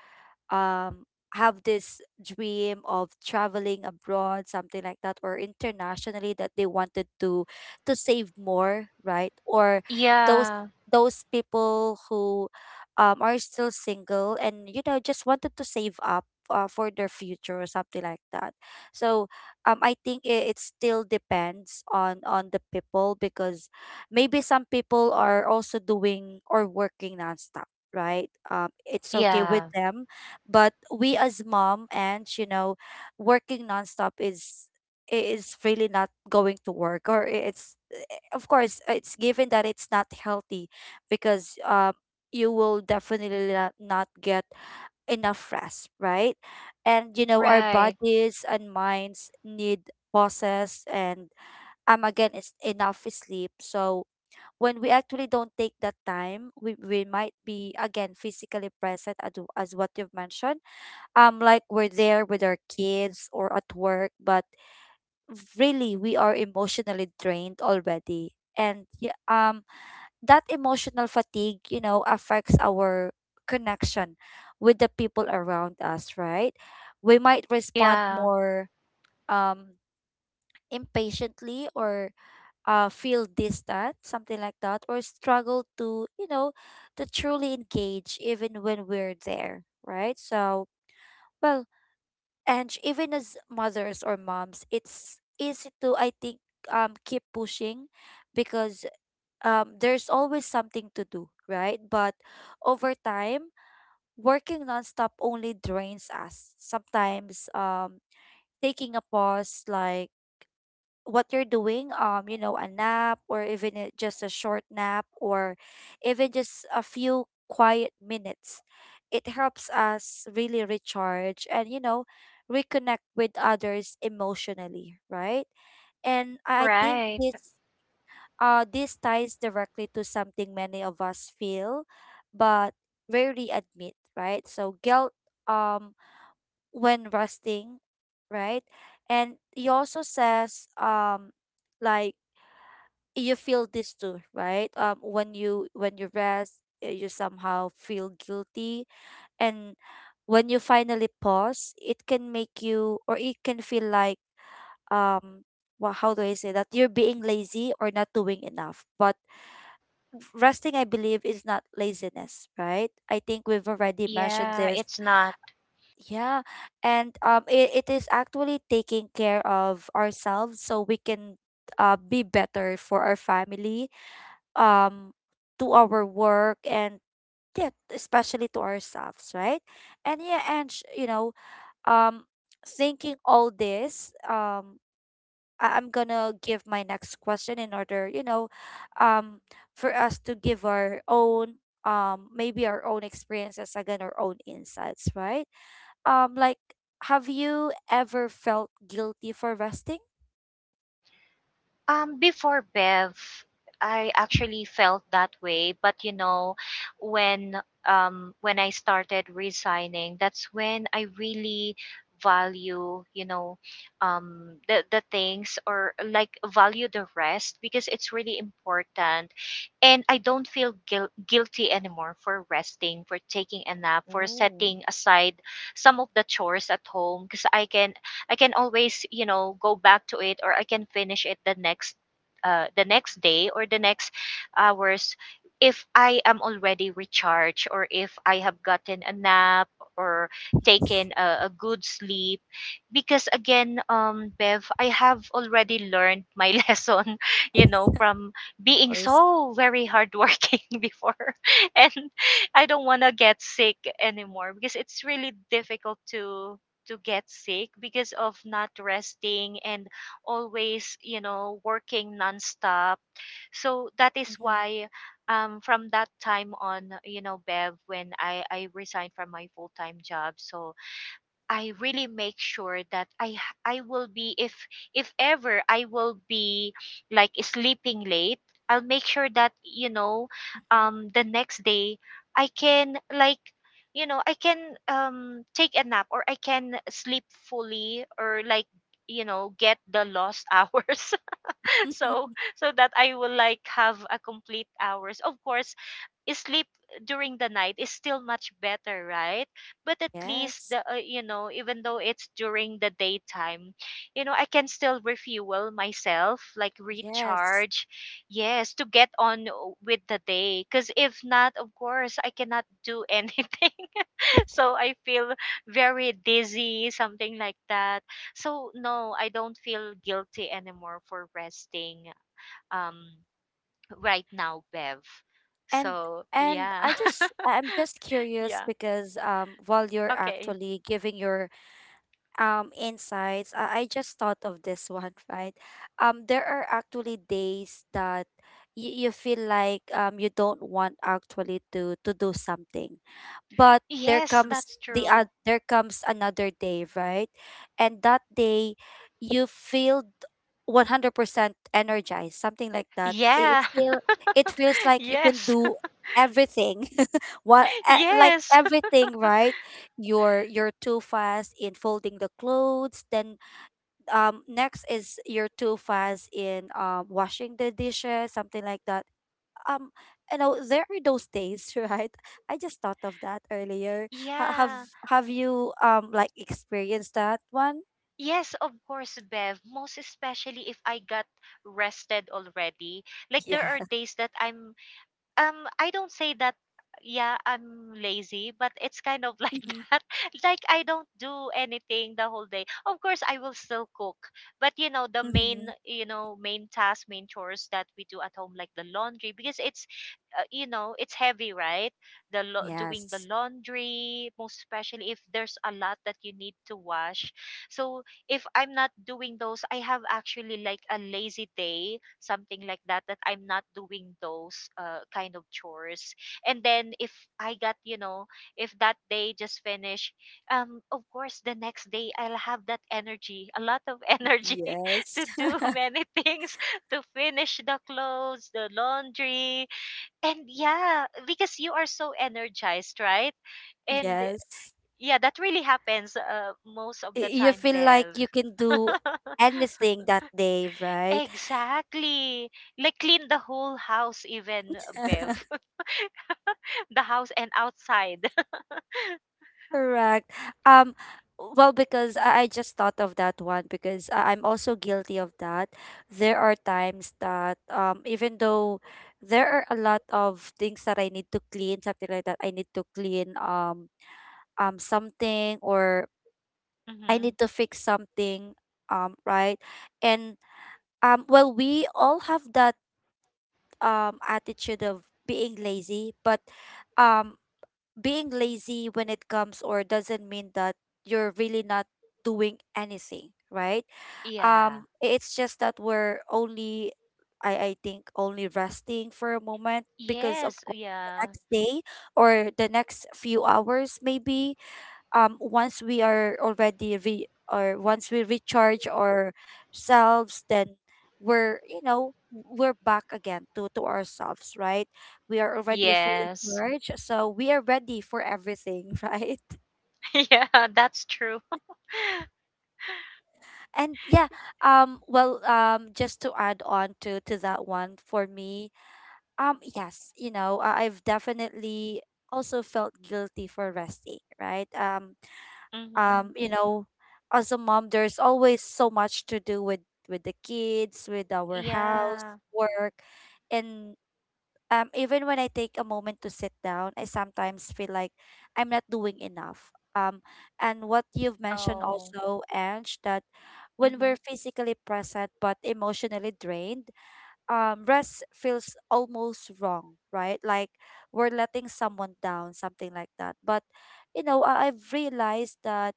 A: um have this dream of traveling abroad, something like that, or internationally, that they wanted to save more, right? Or those
B: Yeah.
A: those people who are still single and you know just wanted to save up for their future, or something like that. So um, I think it still depends on the people, because maybe some people are also doing or working nonstop, right? It's okay
B: Yeah.
A: with them. But we as mom and you know working nonstop is is really not going to work, or it's of course it's given that it's not healthy, because you will definitely not get enough rest, right? And you know our
B: Right.
A: bodies and minds need pauses and again it's enough sleep. So when we actually don't take that time, we might be again physically present, as what you've mentioned, like we're there with our kids or at work, but really we are emotionally drained already. And yeah, um, that emotional fatigue you know affects our connection with the people around us, right? We might respond
B: Yeah.
A: more um impatiently, or feel distant, something like that, or struggle to you know to truly engage even when we're there, right? So well, and even as mothers or moms it's easy to I think keep pushing, because there's always something to do, right? But over time, working nonstop only drains us. Sometimes taking a pause like what you're doing, um, you know, a nap or even a- just a short nap or even just a few quiet minutes, it helps us really recharge and you know reconnect with others emotionally, right? And I think
B: Right.
A: this this ties directly to something many of us feel but rarely admit, right? So guilt, um when resting, right? And he also says Like, you feel this too, right? When you when you rest, you somehow feel guilty. And when you finally pause, it can make you, or it can feel like, um well, how do I say that, you're being lazy or not doing enough. But resting, I believe, is not laziness, right? I think we've already mentioned
B: Yeah,
A: this.
B: it's not.
A: Yeah. And it is actually taking care of ourselves, so we can be better for our family, um to our work, and yeah, especially to ourselves, right? And yeah, and you know, um thinking all this, I'm gonna give my next question in order, you know, um for us to give our own, maybe our own experiences, again, our own insights, right? Like, have you ever felt guilty for resting?
B: Before, Bev, I
A: Mhm.
B: actually felt that way. But, you know, when when I started resigning, that's when I really value, you know, the things, or like, value the rest because it's really important. And I don't feel guilty anymore for resting, for taking a nap, for setting aside some of the chores at home, because I can, I can always, you know, go back to it, or I can finish it the next day, or the next hours, if I am already recharged, or if I have gotten a nap, or
A: Yes,
B: taken a good sleep, because, again, Bev, I have already learned my lesson, you know, from being so very hardworking before. And I don't want to get sick anymore because it's really difficult to get sick because of not resting, and always, you know, working nonstop. So that
A: of
B: is
A: course. Mm-hmm.
B: why, from that time on, you know, Bev, when I resigned from my full-time job, so I really make sure that, I will be, if ever I will be like sleeping late, I'll make sure that, you know, the next day, I can, like, you know, I can, take a nap, or I can sleep fully, or like, you know, get the lost hours, so, that I will like have a complete hours. Of course, sleep during the night is still much better, right? But at least
A: Yes.
B: the, you know, even though it's during the daytime, you know, I can still refuel myself, like,
A: Yes.
B: recharge. Yes, to get on with the day, because if not, of course, I cannot do anything. So I feel very dizzy, something like that. So, no, I don't feel guilty anymore for resting, um, right now, Bev.
A: And
B: So, yeah.
A: I just am just curious
B: Yeah.
A: because while you're
B: Okay.
A: actually giving your insights, I just thought of this one, right? There are actually days that you feel like you don't want actually to do something. But there
B: Yes,
A: comes
B: that's true.
A: there comes another day, right? And that day you feel 100% energized, something like that. It
B: Yeah.
A: feel, it feels like you can
B: Yes.
A: do everything. Like
B: Yes.
A: everything, right? You're too fast in folding the clothes. Then, next is you're too fast in washing the dishes, something like that. um you know, there are those days, right? I just thought of that earlier. ha- have
B: Yeah.
A: have you, like, experienced that one?
B: Yes, of course, Bev. Most especially if I got rested already. Like, there are
A: Yeah.
B: days that I'm. I don't say that, yeah, I'm lazy, but it's kind of like
A: Mm-hmm.
B: that. Like, I don't do anything the whole day. Of course, I will still cook, but, you know, the
A: Mm-hmm.
B: main, you know, main tasks, main chores that we do at home, like the laundry, because it's heavy, right? Doing the
A: Yes.
B: laundry, most especially if there's a lot that you need to wash. So if I'm not doing those, I have actually like a lazy day, something like that, that I'm not doing those, kind of chores. And then if I got, you know, if that day just finish, of course, the next day I'll have that energy, a lot of energy
A: Yes.
B: to do many things, to finish the clothes, the laundry. And, yeah, because you are so energized, right? And,
A: Yes.
B: yeah, that really happens, most of the
A: You
B: time,
A: feel like
B: Bev.
A: you can do anything that day, right?
B: Exactly. Like clean the whole house, even, Bev, the house and outside.
A: Correct. Um, well, because I just thought of that one because I'm also guilty of that. There are times that, even though there are a lot of things that I need to clean, something like that, I need to clean, something, or I
B: Hmm.
A: need to fix something, right? And well, we all have that attitude of being lazy, but um being lazy, when it comes, or doesn't mean that you're really not doing anything, right?
B: Yeah.
A: It's just that we're only, I think, only resting for a moment because, of
B: Yes.
A: course, the
B: Yeah.
A: next day, or the next few hours, maybe, once we are already re, or once we recharge ourselves, then we're, you know, we're back again to ourselves, right? We are already fully
B: Yes.
A: charged, so we are ready for everything. Right?
B: Yeah, that's true.
A: And yeah, well, just to add on to that one for me, yes, you know, I've definitely also felt guilty for resting, right?
B: Hmm.
A: You know, as a mom, there's always so much to do with the kids, with our house,
B: Yeah.
A: work. And even when I take a moment to sit down, I sometimes feel like I'm not doing enough. um and what you've mentioned
B: Oh.
A: also, Ange, that when
B: Hmm.
A: we're physically present but emotionally drained, rest feels almost wrong, right? Like we're letting someone down, something like that. But you know, I've realized that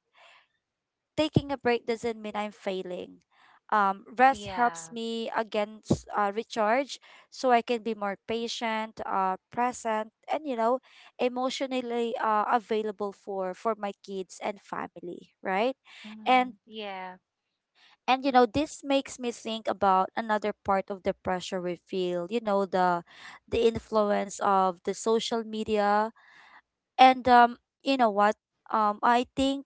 A: taking a break doesn't mean I'm failing. Rest helps
B: Yeah.
A: me against, recharge, so I can be more patient, present, and you know, emotionally, available for my kids and family, right? And
B: Hmm. Yeah.
A: you know, this makes me think about another part of the pressure we feel, you know, the influence of the social media. And you know what? I think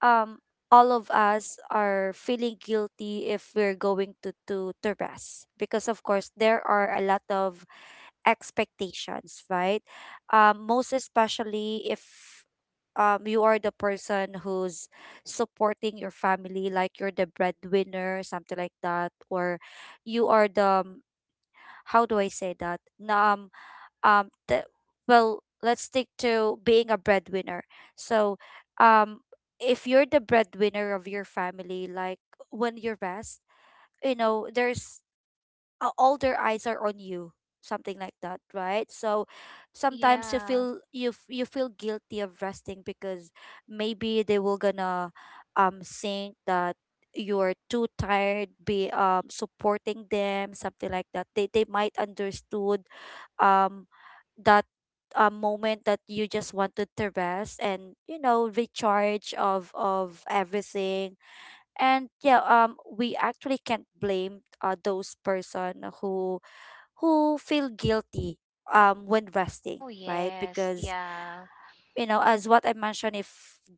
A: um all of us are feeling guilty if we're going to rest because, of course, there are a lot of expectations, right? Most especially if you are the person who's supporting your family, like you're the breadwinner, something like that, or you are the how do I say that, the, well, let's stick to being a breadwinner. So um if you're the breadwinner of your family, like when you rest, you know, there's all their eyes are on you, something like that, right? So sometimes you
B: Yeah.
A: feel, you you feel guilty of resting because maybe they will gonna think that you're too tired, be supporting them, something like that. They might understood um that moment that you just wanted to rest, and you know, recharge of everything. And yeah, we actually can't blame, those person who who feel guilty when resting,
B: Oh,
A: right?
B: yes.
A: Because
B: Yeah.
A: you know, as what I mentioned, if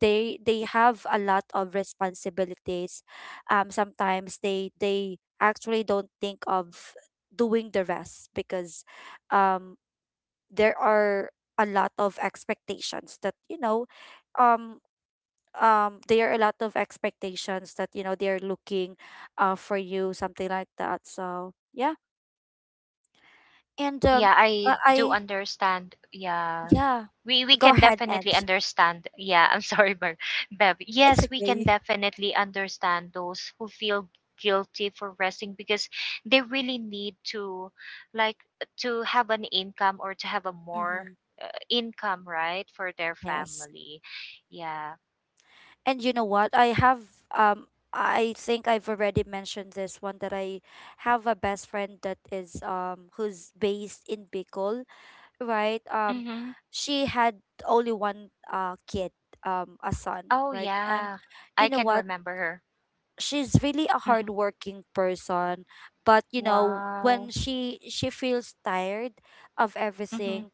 A: they, they have a lot of responsibilities, sometimes they actually don't think of doing the rest because um there are a lot of expectations that, you know, um there are a lot of expectations that, you know, they're looking, for you, something like that. So yeah. And um,
B: Yeah, I do
A: I
B: understand. Yeah.
A: yeah.
B: We
A: Go
B: can
A: ahead. And
B: definitely understand. Yeah, I'm sorry, Bev.
A: it's
B: Yes, we can
A: okay.
B: definitely understand those who feel guilty for resting, because they really need to, like to have an income, or to have a more,
A: Mm-hmm.
B: income, right, for their
A: Yes.
B: family. Yeah.
A: And you know what? I have um I think I've already mentioned this one, that I have a best friend that is, um, who's based in Bicol, right?
B: Mm-hmm.
A: She had only one, uh, kid, a son,
B: Oh,
A: right? And
B: yeah,
A: you
B: I
A: know
B: can
A: what,
B: remember her.
A: she's really a
B: Mm-hmm.
A: hardworking person. But you know,
B: Wow.
A: when she feels tired of
B: Mm-hmm.
A: everything,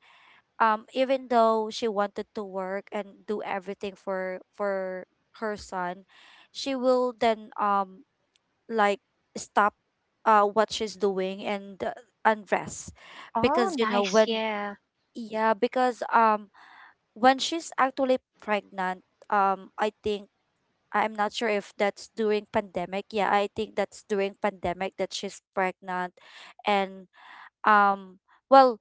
A: even though she wanted to work and do everything for her son, she will then, like, stop, what she's doing, and rest.
B: Oh,
A: Because you know,
B: nice.
A: when,
B: Yeah.
A: yeah, because when she's actually pregnant, I think I'm not sure if that's during pandemic. Yeah, I think that's during pandemic that she's pregnant. And um, well,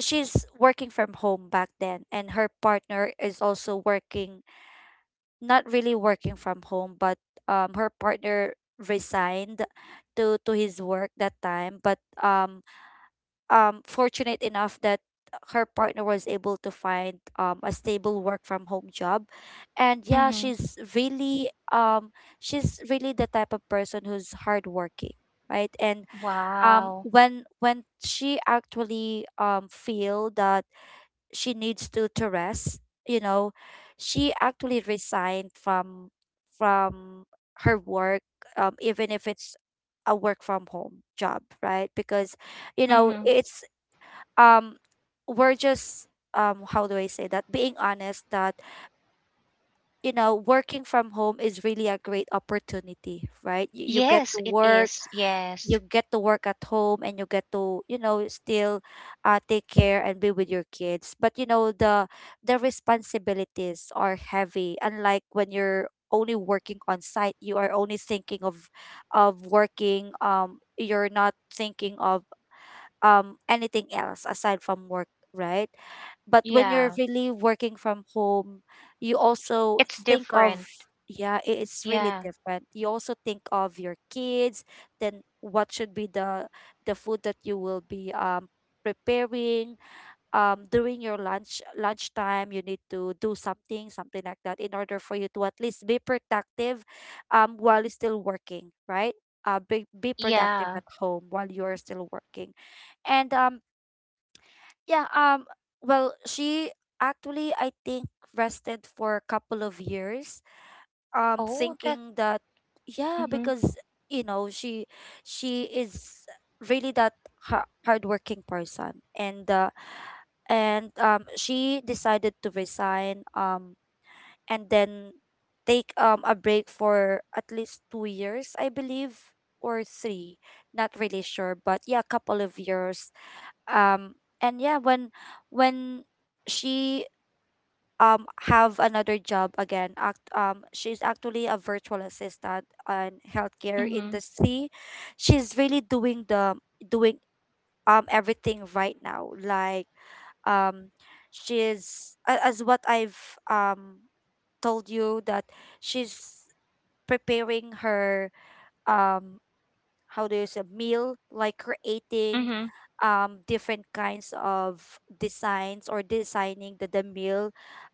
A: she's working from home back then, and her partner is also working, not really working from home, but her partner resigned to his work that time. But um, fortunate enough that her partner was able to find, a stable work from home job. And yeah,
B: Mm-hmm.
A: she's really the type of person who's hardworking, right? And
B: Wow.
A: when she actually, feel that she needs to rest, you know, she actually resigned from from her work, even if it's a work from home job, right? Because you know,
B: Mm-hmm.
A: it's um we're just how do I say that, being honest, that you know, working from home is really a great opportunity, right? You get to
B: Yes, it
A: work,
B: is.
A: you
B: Yes.
A: get to work at home, and you get to, you know, still, take care and be with your kids. But you know, the responsibilities are heavy, unlike when you're only working on site, you are only thinking of working. You're not thinking of anything else aside from work, right? But when you're
B: Yeah.
A: really working from home, you also
B: It's
A: think of,
B: different.
A: yeah, it's really
B: Yeah.
A: different. You also think of your kids, then what should be the food that you will be, preparing. During your lunch, lunchtime, you need to do something, something like that, in order for you to at least be productive, while you're still working, right? Be productive
B: Yeah.
A: at home while you are still working, and um, yeah, um, well, she actually, I think, rested for a couple of years,
B: Oh, that.
A: thinking that, yeah,
B: Mhm.
A: because you know, she is really that, hardworking person, and um, she decided to resign, and then take a break for at least 2 years, I believe, or 3. Not really sure, but yeah, a couple of years. um and yeah, when she, have another job again, um she's actually a virtual assistant in healthcare
B: Mhm.
A: industry. She's really doing the, doing everything right now, like, um she's as what I've, um told you, that she's preparing her, um how there's a meal, like creating
B: Mhm.
A: different kinds of designs, or designing the meal,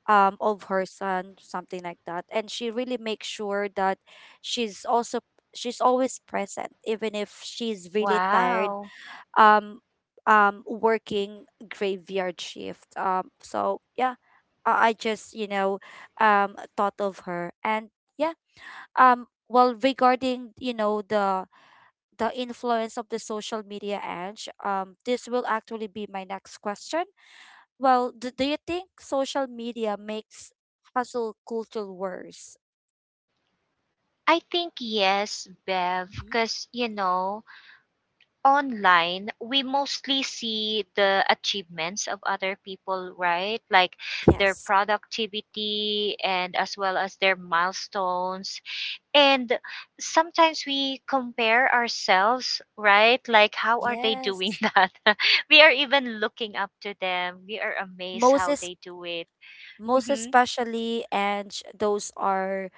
A: of her son, something like that. And she really makes sure that she's also, she's always present even if she's really tired,
B: Wow.
A: um working graveyard shift. Um, so yeah, I just, you know, thought of her. And yeah, um, well, regarding, you know, the influence of the social media edge? This will actually be my next question. Well, do, do you think social media makes hustle culture worse?
B: I think yes, Bev,
A: Mhm.
B: cuz you know, online we mostly see the achievements of other people, right? Like their
A: Yes.
B: productivity and as well as their milestones. And sometimes we compare ourselves, right? Like, how are they doing
A: Yes,
B: that? We are even looking up to them. We are amazed
A: most
B: how
A: es-,
B: they do it.
A: most
B: Mm-hmm.
A: especially, and those are,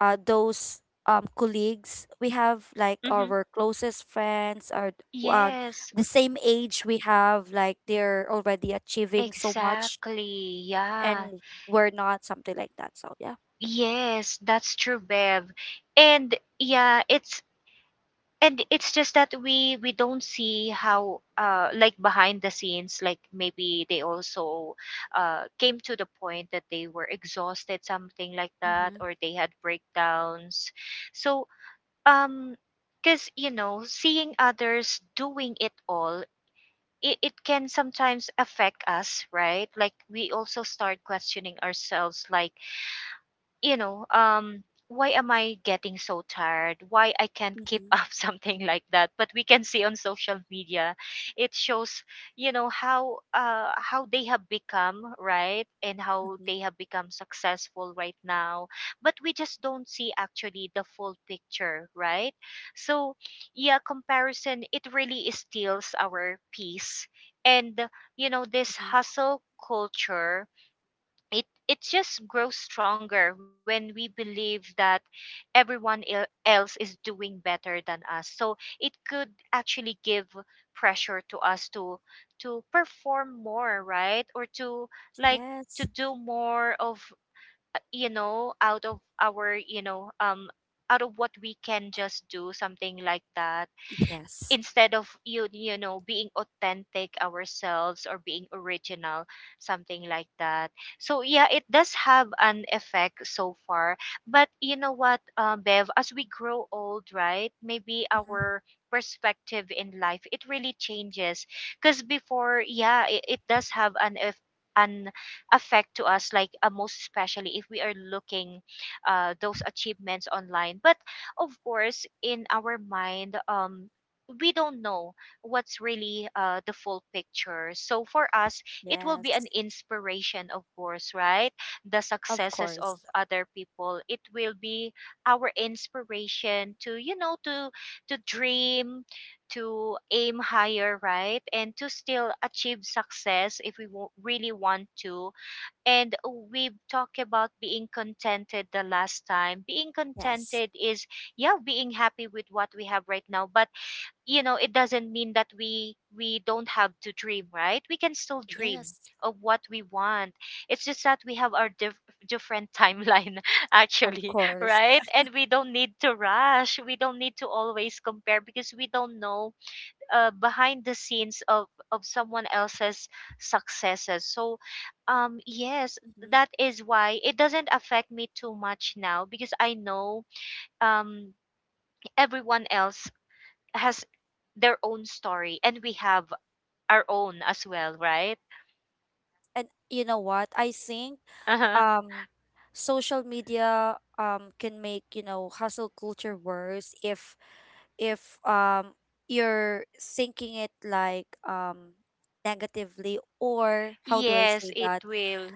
A: those colleagues we have, like
B: Mm-hmm.
A: our closest friends are, uh,
B: Yes,
A: the same age we have, like they're already achieving so much
B: exactly.
A: and
B: Yeah.
A: we're not, something like that. So yeah.
B: Yes, that's true, Bev. And, yeah, it's, and it's just that we don't see how, behind the scenes, like maybe they also came to the point that they were exhausted, something like that,
A: Mm-hmm.
B: or they had breakdowns. So, um because, seeing others doing it all, it can sometimes affect us, right? Like, we also start questioning ourselves, you know, um, why am I getting so tired? Why I can't keep
A: Mm-hmm.
B: up, something like that? But we can see on social media, it shows, you know, how they have become, right? And how
A: Mm-hmm.
B: they have become successful right now. But we just don't see actually the full picture, right? So, yeah, comparison, it really steals our peace. And this
A: Mm-hmm.
B: hustle culture it just grows stronger when we believe that else is doing better than us, so it could actually give pressure to us to perform more, right? Or to like
A: Yes.
B: to do more of out of our out of what we can just do, something like that,
A: Yes.
B: instead of being authentic ourselves or being original, something like that. So yeah, it does have an effect so far. But you know what, Bev, as we grow old, right? Maybe
A: Mm-hmm.
B: our perspective in life, it really changes. Because before, yeah, it does have an an effect to us, like most especially if we are looking those achievements online. But of course, in our mind, we don't know what's really the full picture. So for us, it will be an
A: Yes.
B: inspiration, of course, right? The
A: Of
B: successes
A: course.
B: of other people. It will be our inspiration to, you know, to dream, to aim higher, right? And to still achieve success if we really want to. And we've talked about being contented the last time. Being
A: Yes.
B: contented is, yeah, being happy with what we have right now. But you know, it doesn't mean that we don't have to dream, right? We can still dream
A: Yes.
B: of what we want. It's just that we have our different timeline
A: Of
B: actually,
A: course.
B: right? And we don't need to rush, we don't need to always compare, because we don't know behind the scenes of someone else's successes. So yes,
A: Mm-hmm.
B: that is why it doesn't affect me too much now, because I know, um everyone else has their own story, and we have our own as well, right?
A: And you know what? I think
B: Uh-huh.
A: um social media can make, you know, hustle culture worse if if um you're thinking it like negatively or how do I
B: Yes,
A: say
B: it
A: that?
B: will.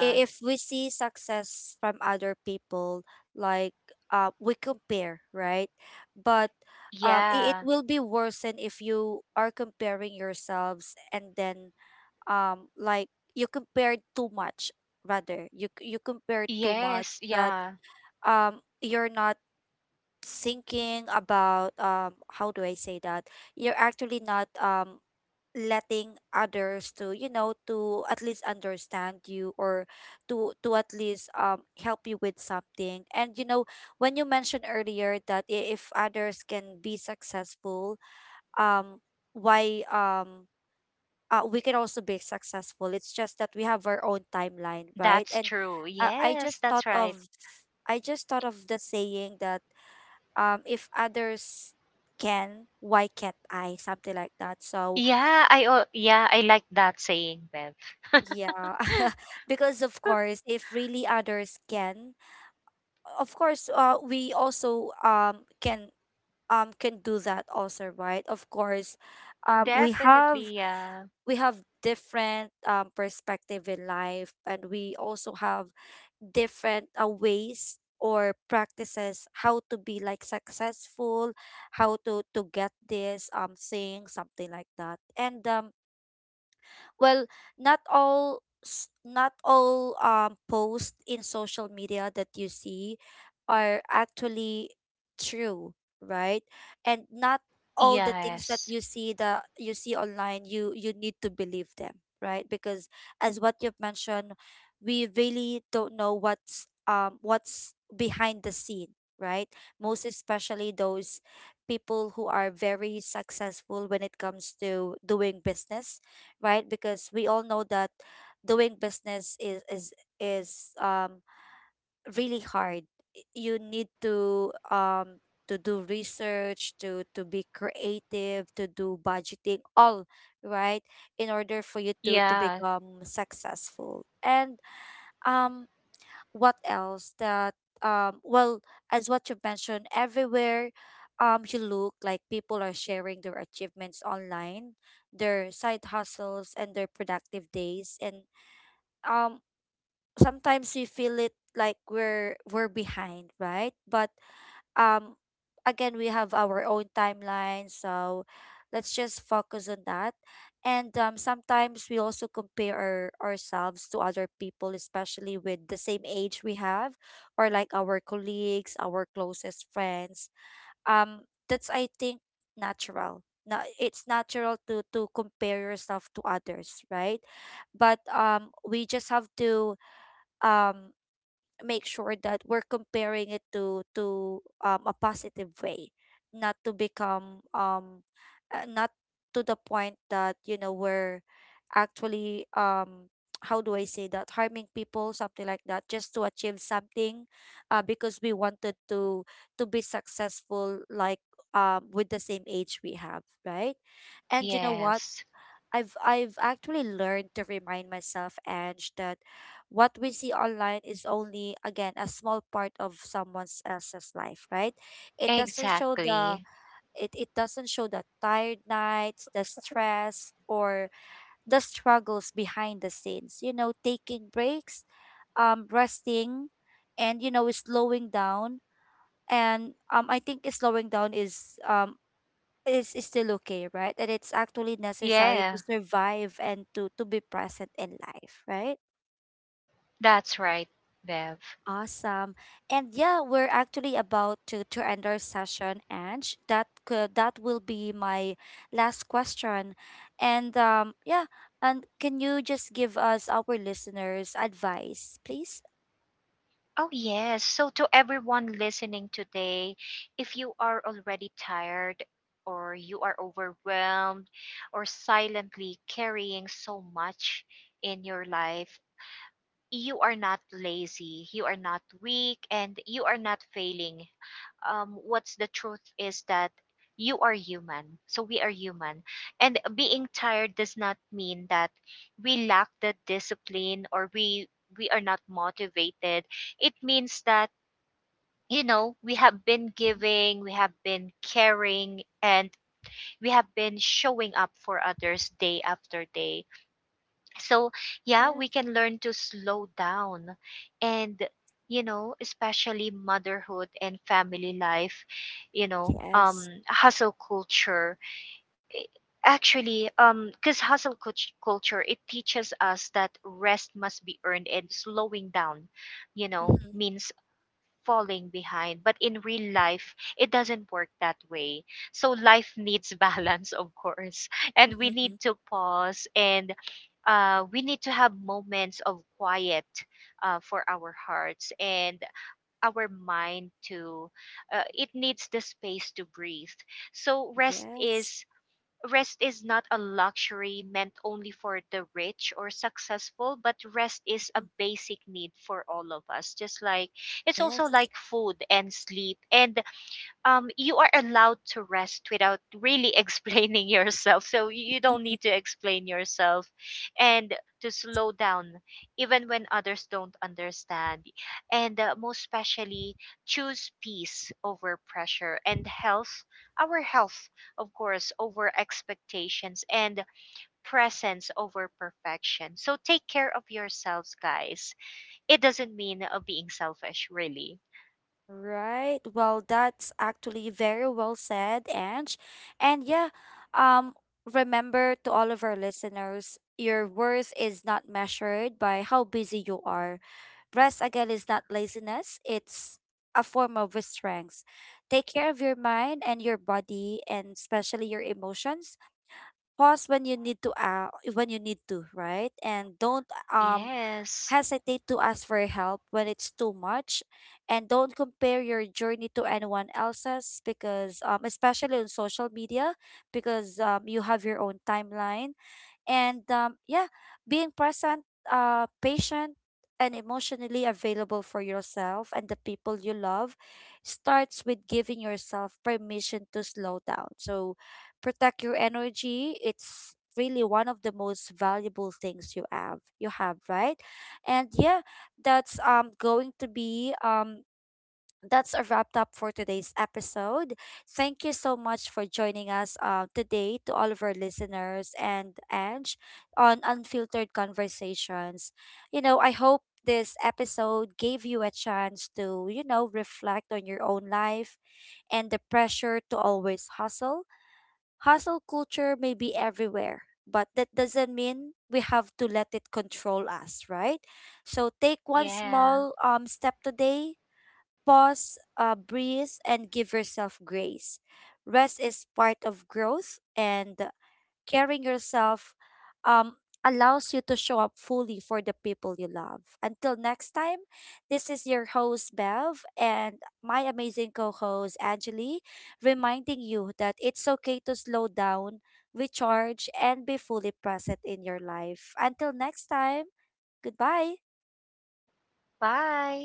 A: If we see success from other people, like we compare, right? But
B: Yeah.
A: it will be worsened if you are comparing yourselves, and then um, like you compare too much, rather you you compare too
B: Yes,
A: much that
B: yeah.
A: you're not thinking about how do I say that? You're actually not letting others to, you know, to at least understand you, or to at least help you with something. And you know, when you mentioned earlier that if others can be successful, um why we can also be successful, it's just that we have our own timeline, right?
B: That's
A: And
B: true.
A: uh, i
B: Yes,
A: just thought
B: that's
A: of
B: right.
A: I just thought of the saying that, if others can, why can't I, something like that. So
B: Yeah, yeah, I like that saying, Bev.
A: yeah. Because of course if really others can, of course we also can do that also, right? Of course um we have
B: Definitely, yeah.
A: we have different perspective in life, and we also have different ways or practices how to be like successful, how to get this thing, something like that. And well, not all not all posts in social media that you see are actually true, right? And not all the things that
B: Yes.
A: you see, the you see online, you need to believe them, right? Because as what you've mentioned, we really don't know what's behind the scene, right? Most especially those people who are very successful when it comes to doing business, right? Because we all know that doing business is is um really hard. You need to do research, to be creative, to do budgeting, all right, in order for you to
B: Yeah.
A: become successful. And um what else that well, as what you mentioned, everywhere you look, like people are sharing their achievements online, their side hustles, and their productive days. And um sometimes we feel it like we're behind, right? But um again, we have our own timeline, so let's just focus on that. And sometimes we also compare ourselves to other people, especially with the same age we have, or like our colleagues, our closest friends. um that's, I think, natural. Now it's natural to compare yourself to others, right? But we just have to um make sure that we're comparing it to a positive way, not to become not to the point that, you know, we're actually how do I say that, harming people, something like that, just to achieve something, because we wanted to be successful like with the same age we have, right? And you know what,
B: Yes.
A: I've actually learned to remind myself, Ange, that what we see online is only, again, a small part of someone else's life, right? It doesn't show
B: Exactly.
A: the it doesn't show the tired nights, the stress, or the struggles behind the scenes. You know, taking breaks, resting, and you know, slowing down. And I think slowing down is is still okay, right? That it's actually necessary
B: Yeah.
A: to survive and to be present in life, right?
B: That's right, Bev.
A: Awesome. And yeah, we're actually about to end our session, Ange. That will be my last question. And yeah, and can you just give us, our listeners, advice, please?
B: Oh, yes. So, to everyone listening today, if you are already tired, or you are overwhelmed, or silently carrying so much in your life, you are not lazy, you are not weak, and you are not failing. What's the truth is that you are human. So, we are human. And being tired does not mean that we lack the discipline, or we. We are not motivated. It means that, you know, we have been
A: Mhm.
B: giving, we have been caring, and we have been showing up for others day after day. So, yeah,
A: Yes.
B: we can learn to slow down. And, you know, especially motherhood and family life, you know,
A: Yes.
B: hustle culture. Actually, because culture, it teaches us that rest must be earned, and slowing down, you know,
A: Mm-hmm.
B: means falling behind. But in real life, it doesn't work that way. So life needs balance, of course. And we need to pause, and we need to have moments of quiet, for our hearts and our mind to it needs the space to breathe, so
A: Yes.
B: rest is not a luxury meant only for the rich or successful, but rest is a
A: Mhm.
B: basic need for all of us. Just like it's also
A: Yes.
B: like food and sleep. And you are allowed to rest without really explaining yourself. So you don't need to explain yourself, and to slow down, even when others don't understand. And most especially, choose peace over pressure, and health, our health, of course, over expectations, and presence over perfection. So take care of yourselves, guys. It doesn't mean being selfish, really.
A: Right. Well, that's actually very well said, Ange. And yeah, um, remember, to all of our listeners, your worth is not measured by how busy you are. Rest, again, is not laziness, it's a form of strength. Take care of your mind and your body, and especially your emotions. Pause when you need to, when you need to, right? And don't um
B: Yes.
A: hesitate to ask for help when it's too much, and don't compare your journey to anyone else's, because especially on social media, because you have your own timeline. And yeah, being present, patient, and emotionally available for yourself and the people you love starts with giving yourself permission to slow down. So protect your energy, it's really one of the most valuable things you have you have, right? And yeah, that's going to be that's a wrapped up for today's episode. Thank you so much for joining us today, to all of our listeners, and Ange, on Unfiltered Conversations. You know, I hope this episode gave you a chance to, you know, reflect on your own life and the pressure to always hustle. Hustle culture may be everywhere, but that doesn't mean we have to let it control us, right? So take one
B: Yeah.
A: small step today, pause, breathe, and give yourself grace. Rest is part of growth, and caring yourself um, allows you to show up fully for the people you love. Until next time, this is your host, Bev, and my amazing co host, Angeli, reminding you that it's okay to slow down, recharge, and be fully present in your life. Until next time, goodbye.
B: Bye.